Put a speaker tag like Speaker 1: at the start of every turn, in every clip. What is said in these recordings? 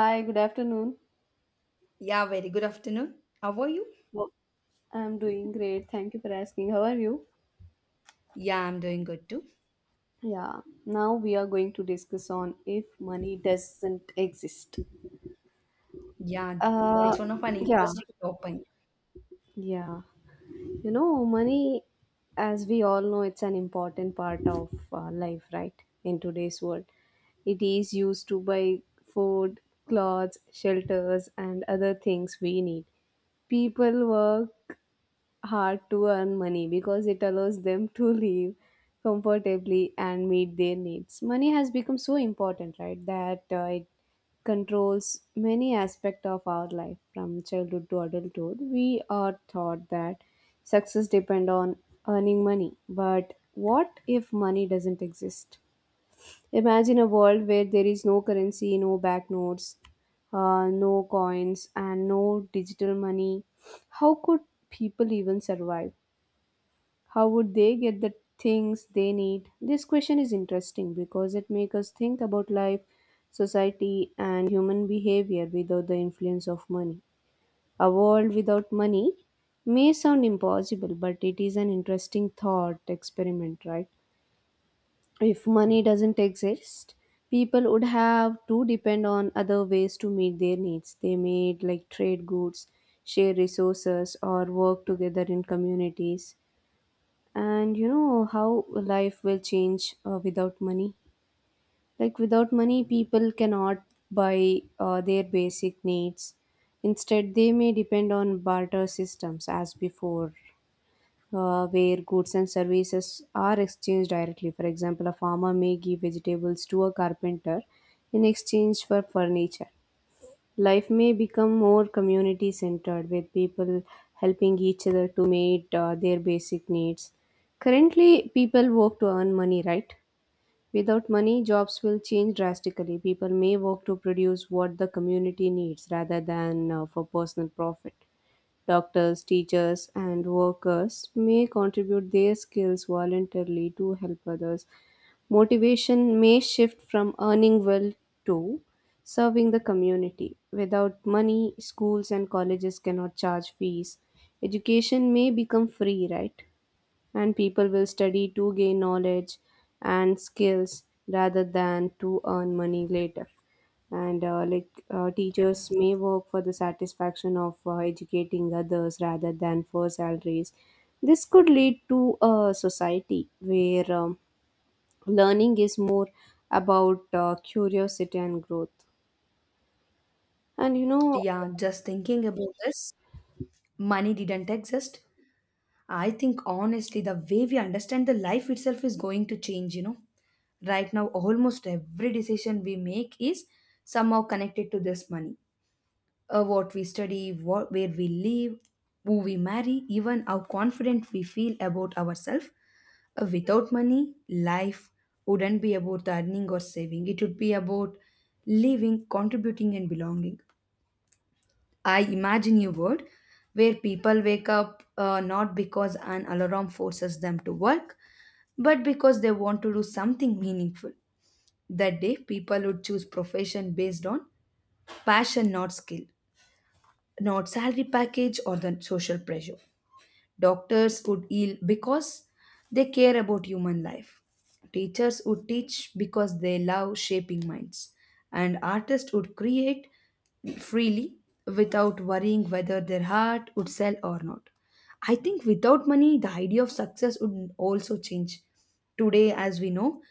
Speaker 1: Hi, good afternoon.
Speaker 2: Yeah, very good afternoon. How are you?
Speaker 1: Well, I'm doing great. Thank you for asking. How are you?
Speaker 2: Yeah, I'm doing good too.
Speaker 1: Yeah, now we are going to discuss on if money doesn't exist.
Speaker 2: Yeah,
Speaker 1: Uh,
Speaker 2: it's one of an
Speaker 1: yeah,
Speaker 2: interesting topic.
Speaker 1: yeah. You know, money, as we all know, it's an important part of life, right? In today's world, it is used to buy food, clothes, shelters, and other things we need. People work hard to earn money because it allows them to live comfortably and meet their needs. Money has become so important, right, that it controls many aspects of our life from childhood to adulthood. We are taught that success depend on earning money, but what if money doesn't exist? Imagine a world where there is no currency, no banknotes, no coins, and no digital money. How could people even survive? How would they get the things they need? This question is interesting because it makes us think about life, society, and human behavior without the influence of money. A world without money may sound impossible, but it is an interesting thought experiment, right? If money doesn't exist, people would have to depend on other ways to meet their needs. They may like trade goods, share resources, or work together in communities. And you know how life will change without money. Like without money, people cannot buy their basic needs. Instead, they may depend on barter systems as before, where goods and services are exchanged directly. For example, a farmer may give vegetables to a carpenter in exchange for furniture. Life may become more community centered, with people helping each other to meet their basic needs. Currently, people work to earn money, right? Without money, jobs will change drastically. People may work to produce what the community needs rather than for personal profit. Doctors, teachers, and workers may contribute their skills voluntarily to help others. Motivation may shift from earning well to serving the community. Without money, schools and colleges cannot charge fees. Education may become free, right? And people will study to gain knowledge and skills rather than to earn money later, and teachers may work for the satisfaction of educating others rather than for salaries. This could lead to a society where learning is more about curiosity and growth. And you know,
Speaker 2: Yeah, just thinking about this, money didn't exist. I think honestly, the way we understand the life itself is going to change, you know. Right now, almost every decision we make is somehow connected to this money. What we study, what, where we live, who we marry, even how confident we feel about ourselves. Without money, life wouldn't be about earning or saving. It would be about living, contributing, and belonging. I imagine a world where people wake up not because an alarm forces them to work, but because they want to do something meaningful. That day, people would choose profession based on passion, not skill, not salary package or the social pressure. Doctors would heal because they care about human life. Teachers would teach because they love shaping minds. And artists would create freely without worrying whether their art would sell or not. I think without money, the idea of success would also change. Today, as we know,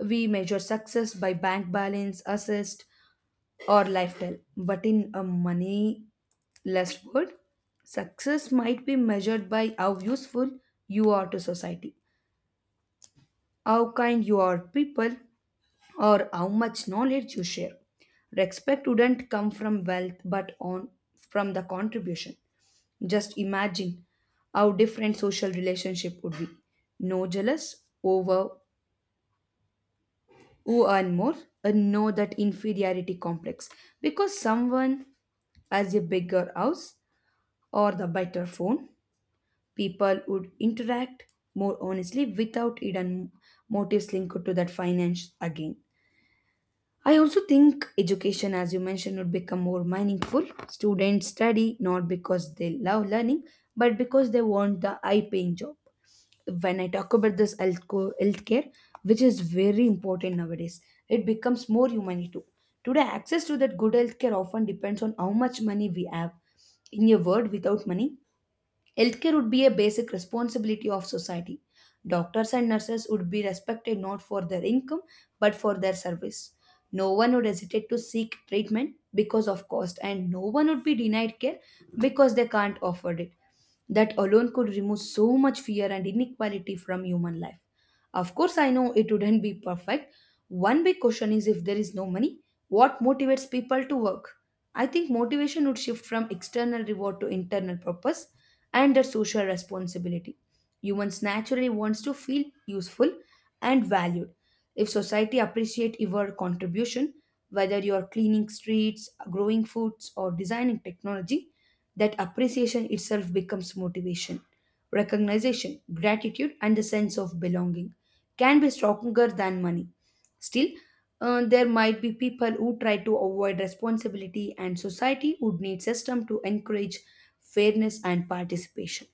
Speaker 2: we measure success by bank balance, assist, or lifestyle. But in a money. Last word. Success might be measured by how useful you are to society, how kind you are to people, or how much knowledge you share. Respect wouldn't come from wealth but on from the contribution. Just imagine how different social relationship would be. No jealous over who earn more and no that inferiority complex because someone has a bigger house or the better phone. People would interact more honestly without hidden motives linked to that finance again. I also think education, as you mentioned, would become more meaningful. Students study not because they love learning, but because they want the high paying job. When I talk about this healthcare, which is very important nowadays, it becomes more humanity too. Today, access to that good healthcare often depends on how much money we have. In a word, without money, healthcare would be a basic responsibility of society. Doctors and nurses would be respected not for their income but for their service. No one would hesitate to seek treatment because of cost, and no one would be denied care because they can't afford it. That alone could remove so much fear and inequality from human life. Of course, I know it wouldn't be perfect. One big question is if there is no money, what motivates people to work? I think motivation would shift from external reward to internal purpose and their social responsibility. Humans naturally wants to feel useful and valued. If society appreciate your contribution, whether you are cleaning streets, growing foods, or designing technology, that appreciation itself becomes motivation. Recognition, gratitude, and the sense of belonging can be stronger than money. Still, there might be people who try to avoid responsibility, and society would need system to encourage fairness and participation.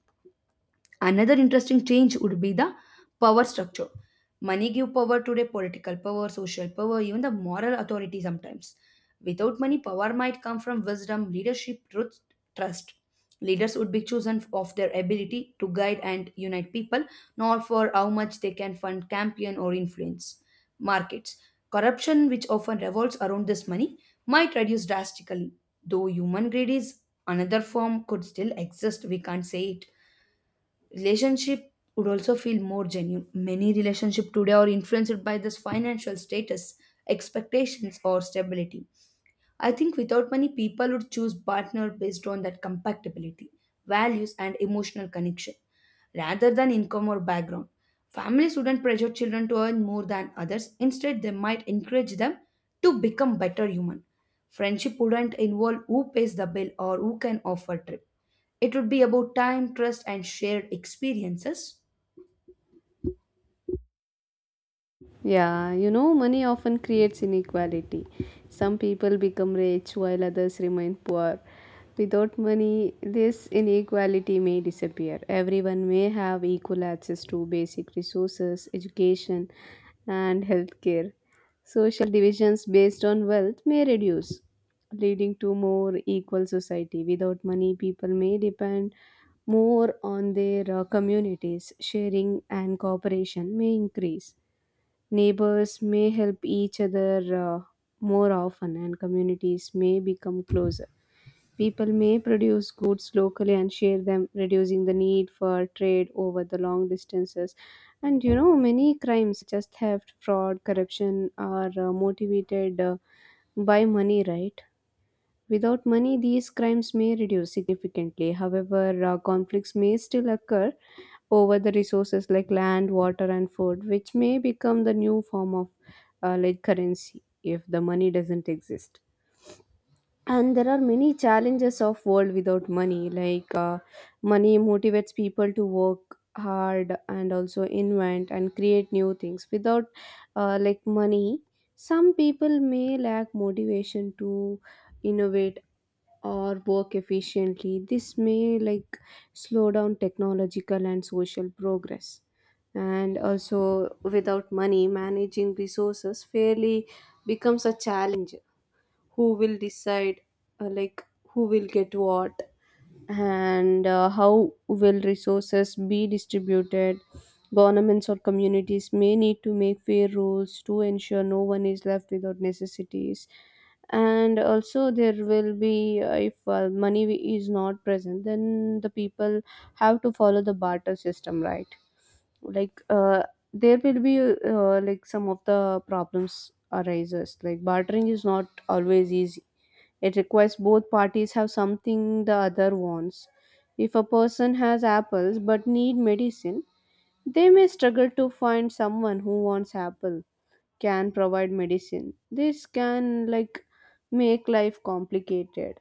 Speaker 2: Another interesting change would be the power structure. Money give power today, political power, social power, even the moral authority sometimes. Without money, power might come from wisdom, leadership, truth, trust. Leaders would be chosen of their ability to guide and unite people, not for how much they can fund, campaign, or influence. Markets. Corruption, which often revolves around this money, might reduce drastically. Though human greed is another form could still exist, we can't say it. Relationship would also feel more genuine. Many relationship today are influenced by this financial status, expectations or stability. I think without money people would choose partner based on that compatibility, values and emotional connection rather than income or background. Families wouldn't pressure children to earn more than others. Instead they might encourage them to become better human. Friendship wouldn't involve who pays the bill or who can offer trip. It would be about time, trust, and shared experiences.
Speaker 1: yeah, you know, money often creates inequality. Some people become rich while others remain poor. Without money, this inequality may disappear. Everyone may have equal access to basic resources, education, and healthcare. Social divisions based on wealth may reduce, leading to more equal society. Without money, people may depend more on their communities. Sharing and cooperation may increase. Neighbors may help each other more often, and communities may become closer. People may produce goods locally and share them, reducing the need for trade over the long distances. And you know, many crimes, such as theft, fraud, corruption, are motivated by money, right? Without money, these crimes may reduce significantly. However, conflicts may still occur over the resources like land, water, and food, which may become the new form of currency if the money doesn't exist. And there are many challenges of world without money. Money motivates people to work hard and also invent and create new things. Without money, some people may lack motivation to innovate or work efficiently. This may like slow down technological and social progress. And also, without money, managing resources fairly becomes a challenge. Who will decide uh, like who will get what, and how will resources be distributed? Governments or communities may need to make fair rules to ensure no one is left without necessities. And also, there will be if money is not present, then the people have to follow the barter system, right? like uh, there will be some of the problems arises. Like, bartering is not always easy; it requires both parties have something the other wants. If a person has apples but need medicine, they may struggle to find someone who wants apple can provide medicine. This can like make life complicated.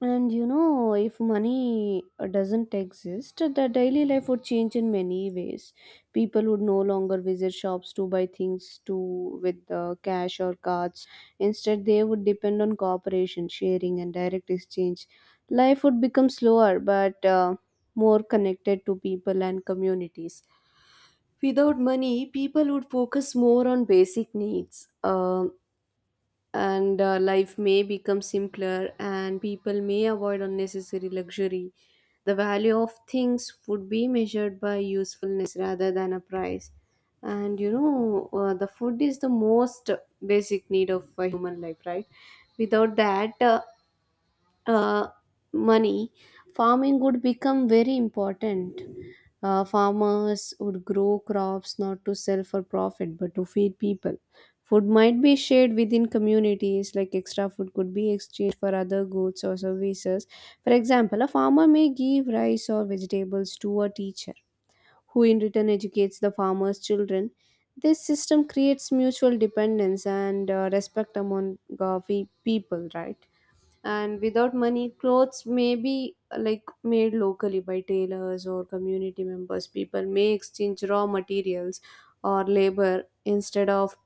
Speaker 1: And you know, if money doesn't exist, the daily life would change in many ways. People would no longer visit shops to buy things to with cash or cards. Instead, they would depend on cooperation, sharing, and direct exchange. Life would become slower, but more connected to people and communities. Without money, people would focus more on basic needs. Um and Life may become simpler and people may avoid unnecessary luxury. The value of things would be measured by usefulness rather than a price. And you know, the food is the most basic need of a human life, right? Without that uh, money, farming would become very important. Farmers would grow crops not to sell for profit but to feed people. Food might be shared within communities, like extra food could be exchanged for other goods or services. For example, a farmer may give rice or vegetables to a teacher, who in return educates the farmer's children. This system creates mutual dependence and respect among people, right? And without money, clothes may be made locally by tailors or community members. People may exchange raw materials or labor instead of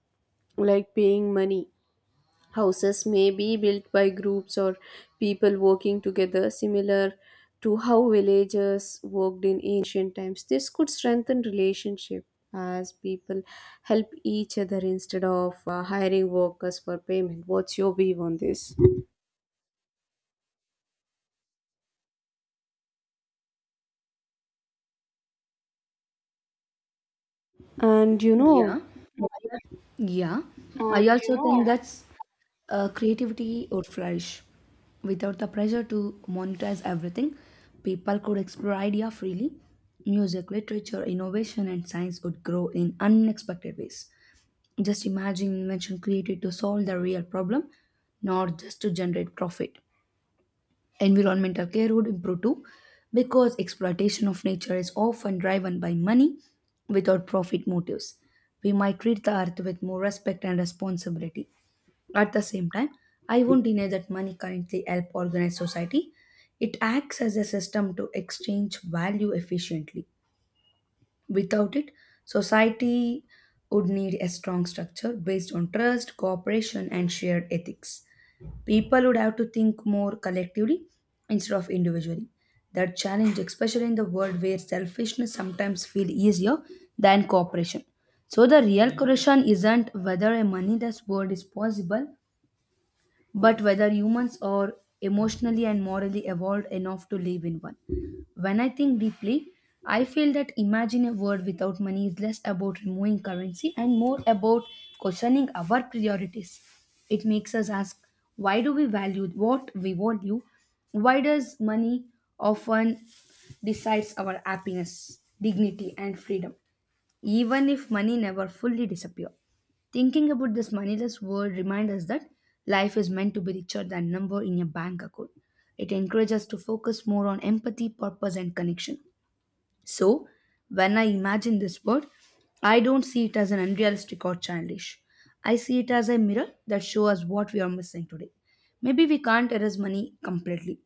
Speaker 1: like paying money. Houses may be built by groups or people working together, similar to how villagers worked in ancient times. This could strengthen relationship as people help each other instead of hiring workers for payment. What's your view on this? And you know, yeah.
Speaker 2: Yeah, and I you also think know, that's creativity would flourish. Without the pressure to monetize everything, people could explore idea freely. Music, literature, innovation, and science would grow in unexpected ways. Just imagine invention created to solve the real problem, not just to generate profit. Environmental care would improve too because exploitation of nature is often driven by money without profit motives. We might treat the earth with more respect and responsibility. At the same time, I won't deny that money currently helps organize society. It acts as a system to exchange value efficiently. Without it, society would need a strong structure based on trust, cooperation, and shared ethics. People would have to think more collectively instead of individually. That challenge, especially in the world where selfishness sometimes feels easier than cooperation. So the real question isn't whether a moneyless world is possible, but whether humans are emotionally and morally evolved enough to live in one. When I think deeply, I feel that imagine a world without money is less about removing currency and more about questioning our priorities. It makes us ask, why do we value what we value? Why does money often decides our happiness, dignity, and freedom? Even if money never fully disappear. Thinking about this moneyless world reminds us that life is meant to be richer than number in a bank account. It encourages us to focus more on empathy, purpose, and connection. So, when I imagine this world, I don't see it as an unrealistic or childish. I see it as a mirror that shows us what we are missing today. Maybe we can't erase money completely,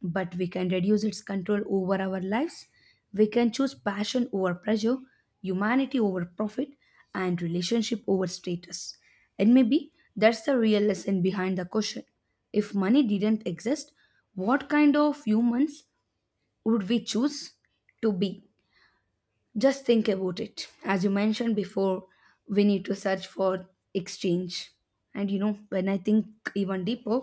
Speaker 2: but we can reduce its control over our lives. We can choose passion over pressure, humanity over profit, and relationship over status. And maybe that's the real lesson behind the question. If money didn't exist, what kind of humans would we choose to be? Just think about it. As you mentioned before, we need to search for exchange. And you know, when I think even deeper,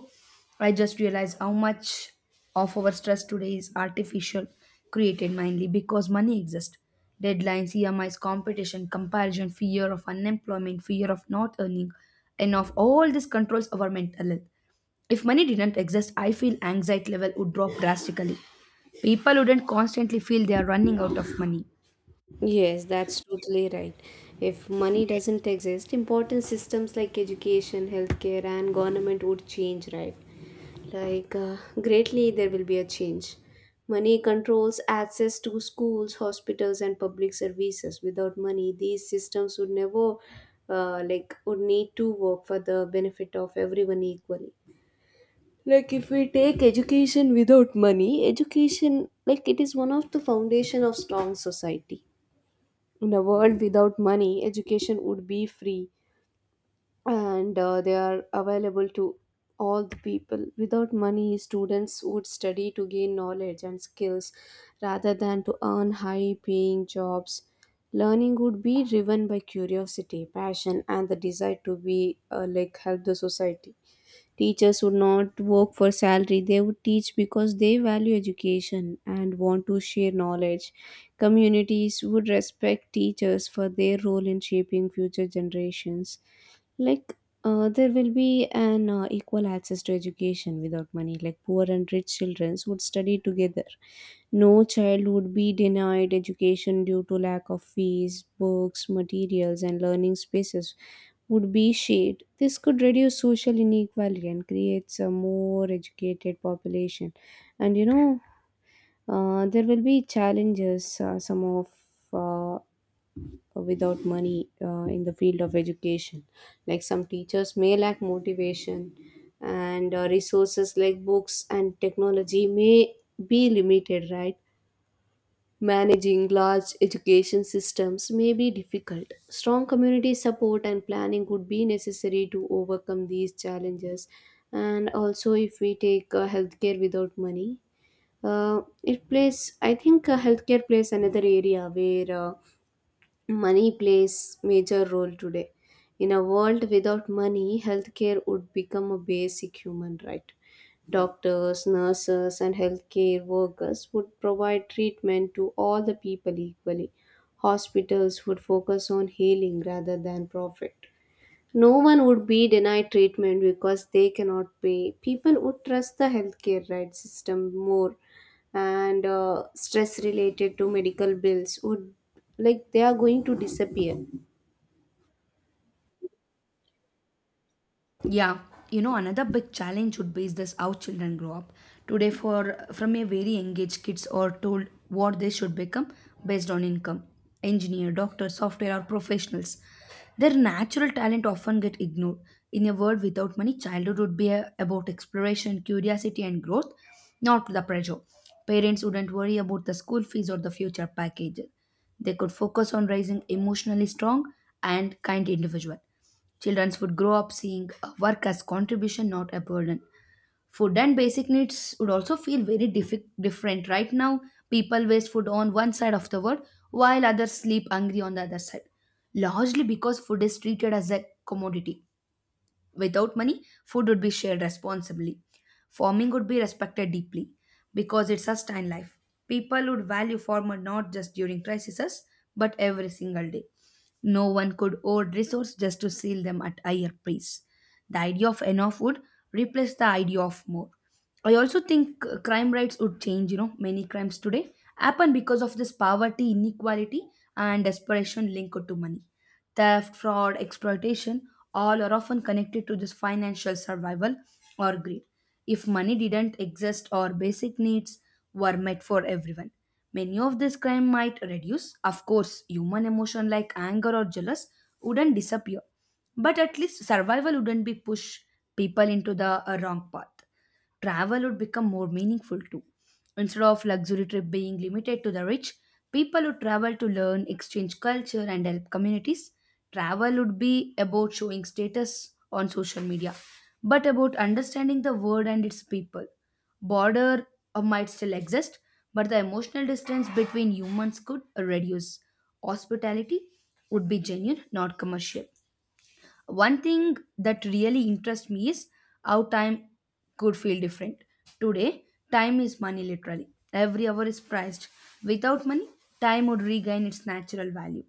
Speaker 2: I just realize how much of our stress today is artificial, created mainly because money exists. Deadlines, EMIs, competition, comparison, fear of unemployment, fear of not earning enough, all this controls our mental health. If money didn't exist, I feel anxiety level would drop drastically. People wouldn't constantly feel they are running out of money.
Speaker 1: Yes, that's totally right. If money doesn't exist, important systems like education, healthcare, and government would change, right? Like, greatly, there will be a change. Money controls access to schools, hospitals, and public services. Without money, these systems would never, would need to work for the benefit of everyone equally. Like, if we take education without money, education, like, it is one of the foundation of strong society. In a world without money, education would be free and they are available to all the people. Without money, students would study to gain knowledge and skills rather than to earn high paying jobs. Learning would be driven by curiosity, passion, and the desire to be help the society. Teachers would not work for salary, they would teach because they value education and want to share knowledge. Communities would respect teachers for their role in shaping future generations. Like, there will be an equal access to education without money. Like, poor and rich children would study together. No child would be denied education due to lack of fees, books, materials, and learning spaces would be shared. This could reduce social inequality and creates a more educated population. And you know, there will be challenges, some of uh, without money in the field of education. Like some teachers may lack motivation, and resources like books and technology may be limited, right? Managing large education systems may be difficult. Strong community support and planning would be necessary to overcome these challenges. And also, if we take healthcare without money, it plays, I think, healthcare plays another area where money plays major role today. In a world without money, healthcare would become a basic human right. Doctors, nurses, and healthcare workers would provide treatment to all the people equally. Hospitals would focus on healing rather than profit. No one would be denied treatment because they cannot pay. People would trust the healthcare right system more, and stress related to medical bills would like they are going to disappear.
Speaker 2: Yeah, you know, another big challenge would be is this how children grow up. Today, for from a very engaged kids are told what they should become based on income, engineer, doctor, software, or professionals. Their natural talent often get ignored. In a world without money, childhood would be about exploration, curiosity, and growth, not the pressure. Parents wouldn't worry about the school fees or the future package. They could focus on raising emotionally strong and kind individual. Children would grow up seeing work as contribution, not a burden. Food and basic needs would also feel very different. Right now, people waste food on one side of the world while others sleep hungry on the other side, largely because food is treated as a commodity. Without money, food would be shared responsibly. Farming would be respected deeply because it sustained life. People would value farmer not just during crises but every single day. No one could hoard resources just to sell them at higher price. The idea of enough would replace the idea of more. I also think crime rates would change. You know, many crimes today happen because of this poverty, inequality, and desperation linked to money. Theft, fraud, exploitation all are often connected to this financial survival or greed. If money didn't exist or basic needs were met for everyone, many of this crime might reduce. Of course, human emotion like anger or jealous wouldn't disappear, but at least survival wouldn't be push people into the wrong path. Travel would become more meaningful too. Instead of luxury trip being limited to the rich, people would travel to learn, exchange culture, and help communities. Travel would be about showing status on social media, but about understanding the world and its people. Border might still exist, but the emotional distance between humans could reduce. Hospitality would be genuine, not commercial. One thing that really interests me is how time could feel different. Today, time is money literally. Every hour is priced. Without money, time would regain its natural value.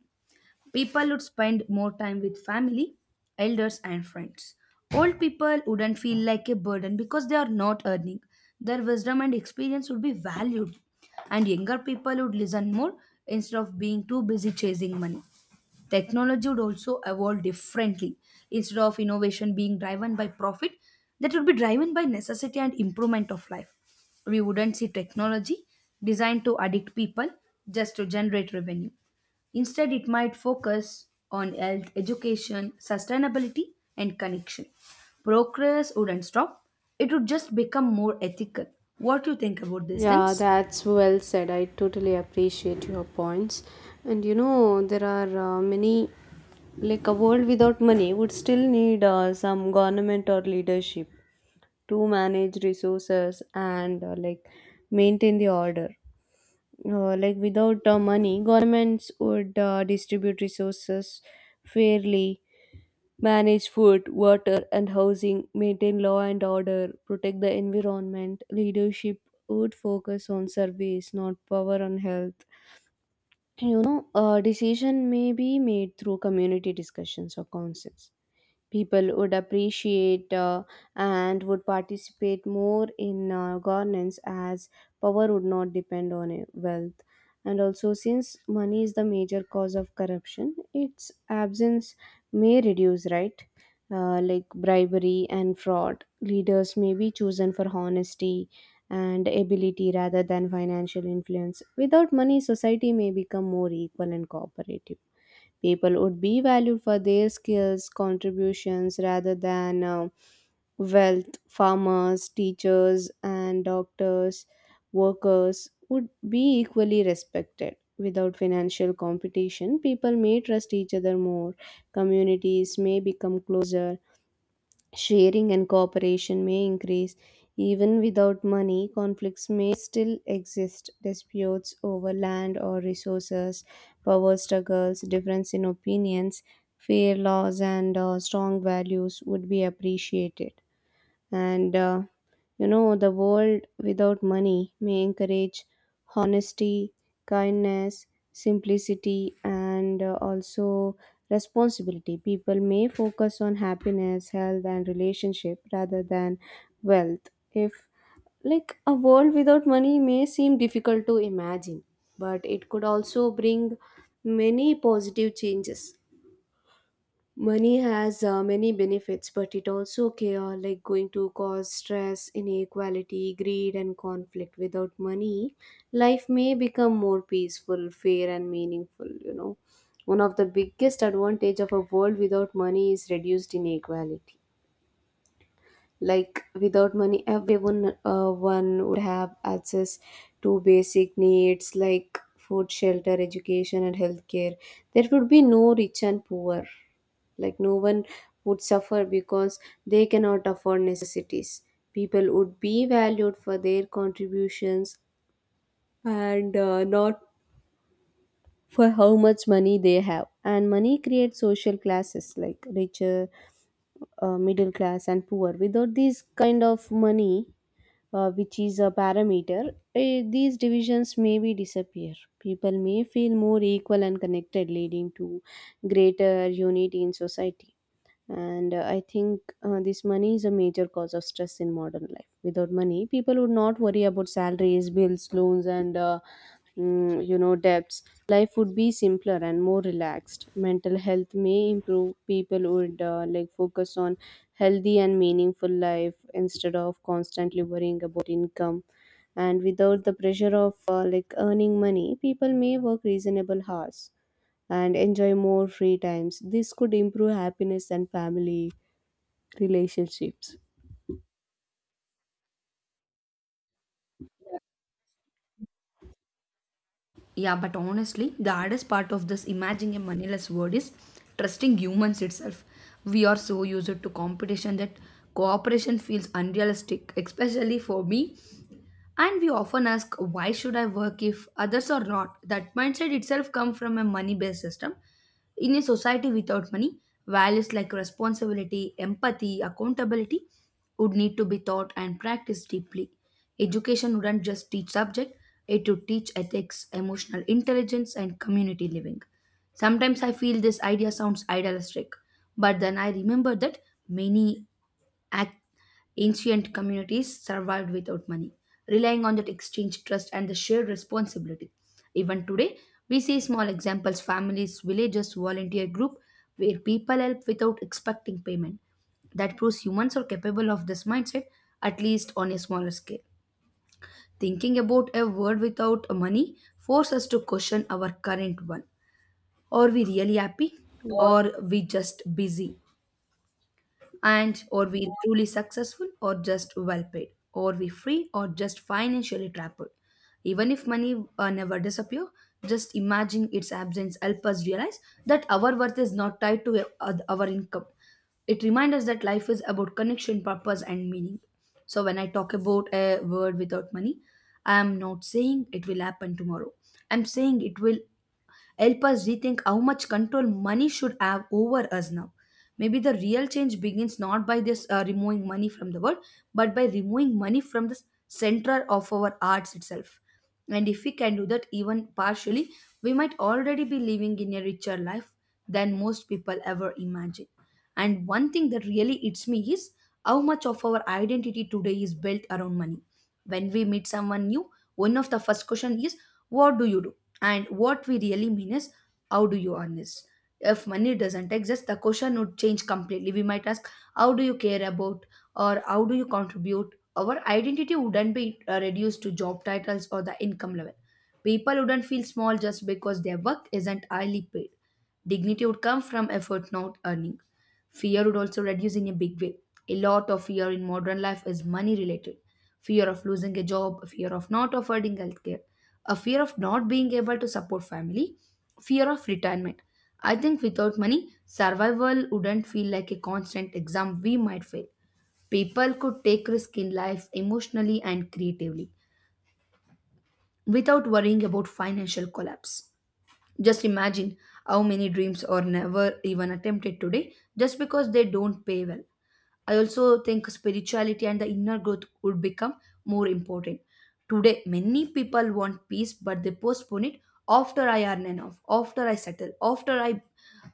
Speaker 2: People would spend more time with family, elders, and friends. Old people wouldn't feel like a burden because they are not earning. Their wisdom and experience would be valued, and younger people would listen more instead of being too busy chasing money. Technology would also evolve differently. Instead of innovation being driven by profit, that would be driven by necessity and improvement of life. We wouldn't see technology designed to addict people just to generate revenue. Instead, it might focus on health, education, sustainability, and connection. Progress wouldn't stop, it would just become more ethical. What do you think about these
Speaker 1: Yeah,
Speaker 2: things?
Speaker 1: that's well said. I totally appreciate your points. And you know, there are many, like a world without money would still need some government or leadership to manage resources and maintain the order. Without money, governments would distribute resources fairly, manage food, water, and housing, maintain law and order, protect the environment. Leadership would focus on service, not power. On health, you know, a decision may be made through community discussions or councils. People would appreciate and would participate more in governance, as power would not depend on wealth. And also, since money is the major cause of corruption, its absence may reduce, right? Bribery and fraud, leaders may be chosen for honesty and ability rather than financial influence. Without money, society may become more equal and cooperative. People would be valued for their skills, contributions rather than wealth. Farmers, teachers, and doctors, workers would be equally respected. Without financial competition, people may trust each other more. Communities may become closer. Sharing and cooperation may increase even without money. Conflicts may still exist. Disputes over land or resources, power struggles, difference in opinions, fair laws, and strong values would be appreciated. And You know, the world without money may encourage honesty, kindness, simplicity, and also responsibility. People may focus on happiness, health, and relationship rather than wealth. If, like, A world without money may seem difficult to imagine, but it could also bring many positive changes. Money has many benefits, but it also like going to cause stress, inequality, greed, and conflict. Without money, life may become more peaceful, fair, and meaningful. You know, one of the biggest advantage of a world without money is reduced inequality. Like without money, everyone one would have access to basic needs like food, shelter, education, and healthcare. There would be no rich and poor, like no one would suffer because they cannot afford necessities. People would be valued for their contributions and not for how much money they have. And money creates social classes like richer, middle class, and poor. Without this kind of money, which is a parameter, these divisions may be disappear. People may feel more equal and connected, leading to greater unity in society. And uh, i think this money is a major cause of stress in modern life. Without money, people would not worry about salaries, bills, loans, and you know, debts. Life would be simpler and more relaxed. Mental health may improve. People would like focus on healthy and meaningful life instead of constantly worrying about income. And without the pressure of like earning money, people may work reasonable hours and enjoy more free times. This could improve happiness and family relationships.
Speaker 2: Yeah, but honestly, the hardest part of this imagining a moneyless world is trusting humans itself. We are so used to competition that cooperation feels unrealistic, especially for me. And we often ask, why should I work if others are not? That mindset itself comes from a money based system. In a society without money, values like responsibility, empathy, accountability would need to be taught and practiced deeply. Education wouldn't just teach subject, it would teach ethics, emotional intelligence, and community living. Sometimes I feel this idea sounds idealistic, but then I remember that many ac- ancient communities survived without money, relying on that exchange trust and the shared responsibility. Even today, we see small examples families, villages, volunteer group where people help without expecting payment. That proves humans are capable of this mindset, at least on a smaller scale. Thinking about a world without money forces us to question our current one. Are we really happy or we just busy? And or we truly successful or just well paid or we free or just financially trapped even if money never disappear, just imagining its absence help us realize that our worth is not tied to our income. It reminds us that life is about connection purpose and meaning. So when I talk about a word without money, I am not saying it will happen tomorrow. I'm saying it will help us rethink how much control money should have over us now. Maybe the real change begins not by this removing money from the world, but by removing money from the center of our arts itself. And if we can do that even partially, we might already be living in a richer life than most people ever imagine. And one thing that really hits me is how much of our identity today is built around money. When we meet someone new, one of the first questions is, what do you do? And what we really mean is, how do you earn this? If money doesn't exist, the question would change completely. We might ask, how do you care about, or how do you contribute? Our identity wouldn't be reduced to job titles or the income level. People wouldn't feel small just because their work isn't highly paid. Dignity would come from effort, not earning. Fear would also reduce in a big way. A lot of fear in modern life is money related. Fear of losing a job, fear of not affording healthcare, a fear of not being able to support family, fear of retirement. I think without money, survival wouldn't feel like a constant exam we might fail. People could take risk in life emotionally and creatively without worrying about financial collapse. Just imagine how many dreams are never even attempted today just because they don't pay well. I also think spirituality and the inner growth would become more important. Today, many people want peace, but they postpone it after I earn enough, after I settle, after I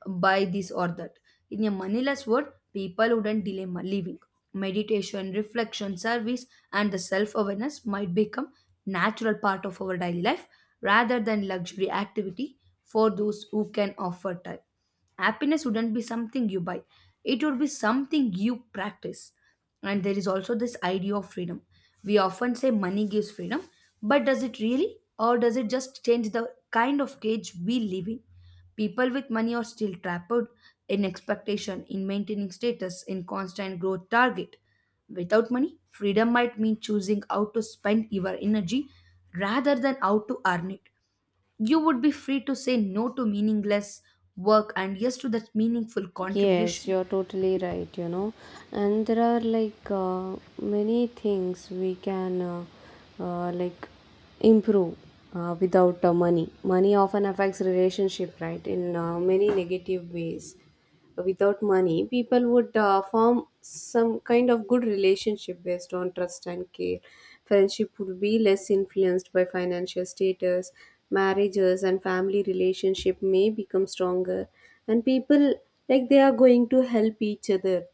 Speaker 2: buy this or that. In a moneyless world, people wouldn't delay living. Meditation, reflection, service, and the self awareness might become natural part of our daily life rather than luxury activity for those who can offer time. Happiness wouldn't be something you buy, it would be something you practice. And there is also this idea of freedom. We often say money gives freedom, but does it really? Or does it just change the kind of cage we live in? People with money are still trapped in expectation, in maintaining status, in constant growth target. Without money, freedom might mean choosing how to spend your energy rather than how to earn it. You would be free to say no to meaningless work and yes to that meaningful
Speaker 1: Yes,
Speaker 2: contribution.
Speaker 1: you're totally right, you know. And there are like many things we can like improve without money. Money often affects relationship, right, in many negative ways. Without money, people would form some kind of good relationship based on trust and care. Friendship would be less influenced by financial status. Marriages and family relationship may become stronger, and people like they are going to help each other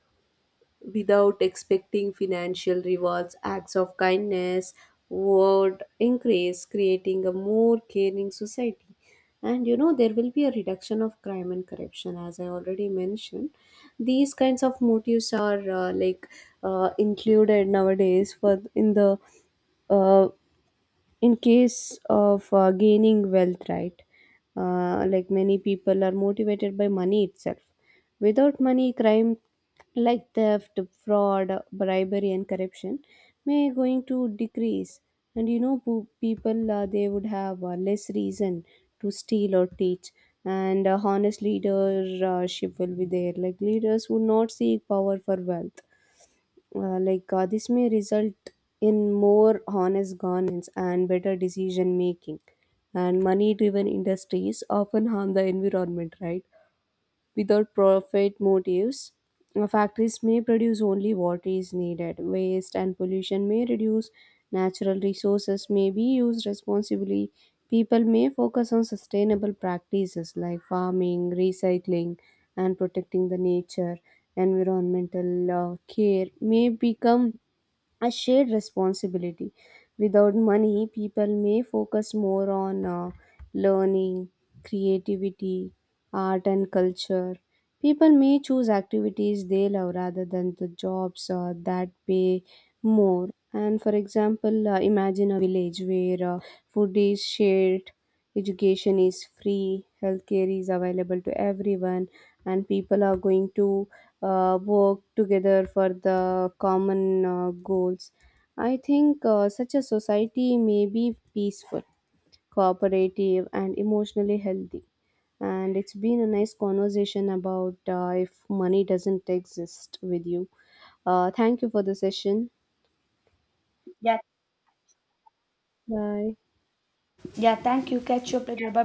Speaker 1: without expecting financial rewards. Acts of kindness would increase, creating a more caring society. And you know, there will be a reduction of crime and corruption, as I already mentioned. These kinds of motives are like included nowadays for in the uh, in case of gaining wealth, right. Like many people are motivated by money itself. Without money, crime like theft, fraud, bribery, and corruption may going to decrease. And you know, people they would have less reason to steal or teach. And a honest leadership will be there, like leaders would not seek power for wealth. This may result in more honest governance and better decision making. And money driven industries often harm the environment, right, without profit motives. Factories may produce only what is needed. Waste and pollution may reduce. Natural resources may be used responsibly. People may focus on sustainable practices like farming, recycling, and protecting the nature. Environmental care may become a shared responsibility. Without money, people may focus more on learning, creativity, art, and culture. People may choose activities they love rather than the jobs that pay more. And for example, imagine a village where food is shared, education is free, healthcare is available to everyone, and people are going to work together for the common goals. I think such a society may be peaceful, cooperative, and emotionally healthy. And it's been a nice conversation about if money doesn't exist with you. Thank you for the session. Yeah. Bye.
Speaker 2: Yeah, thank you. Catch you up later. Bye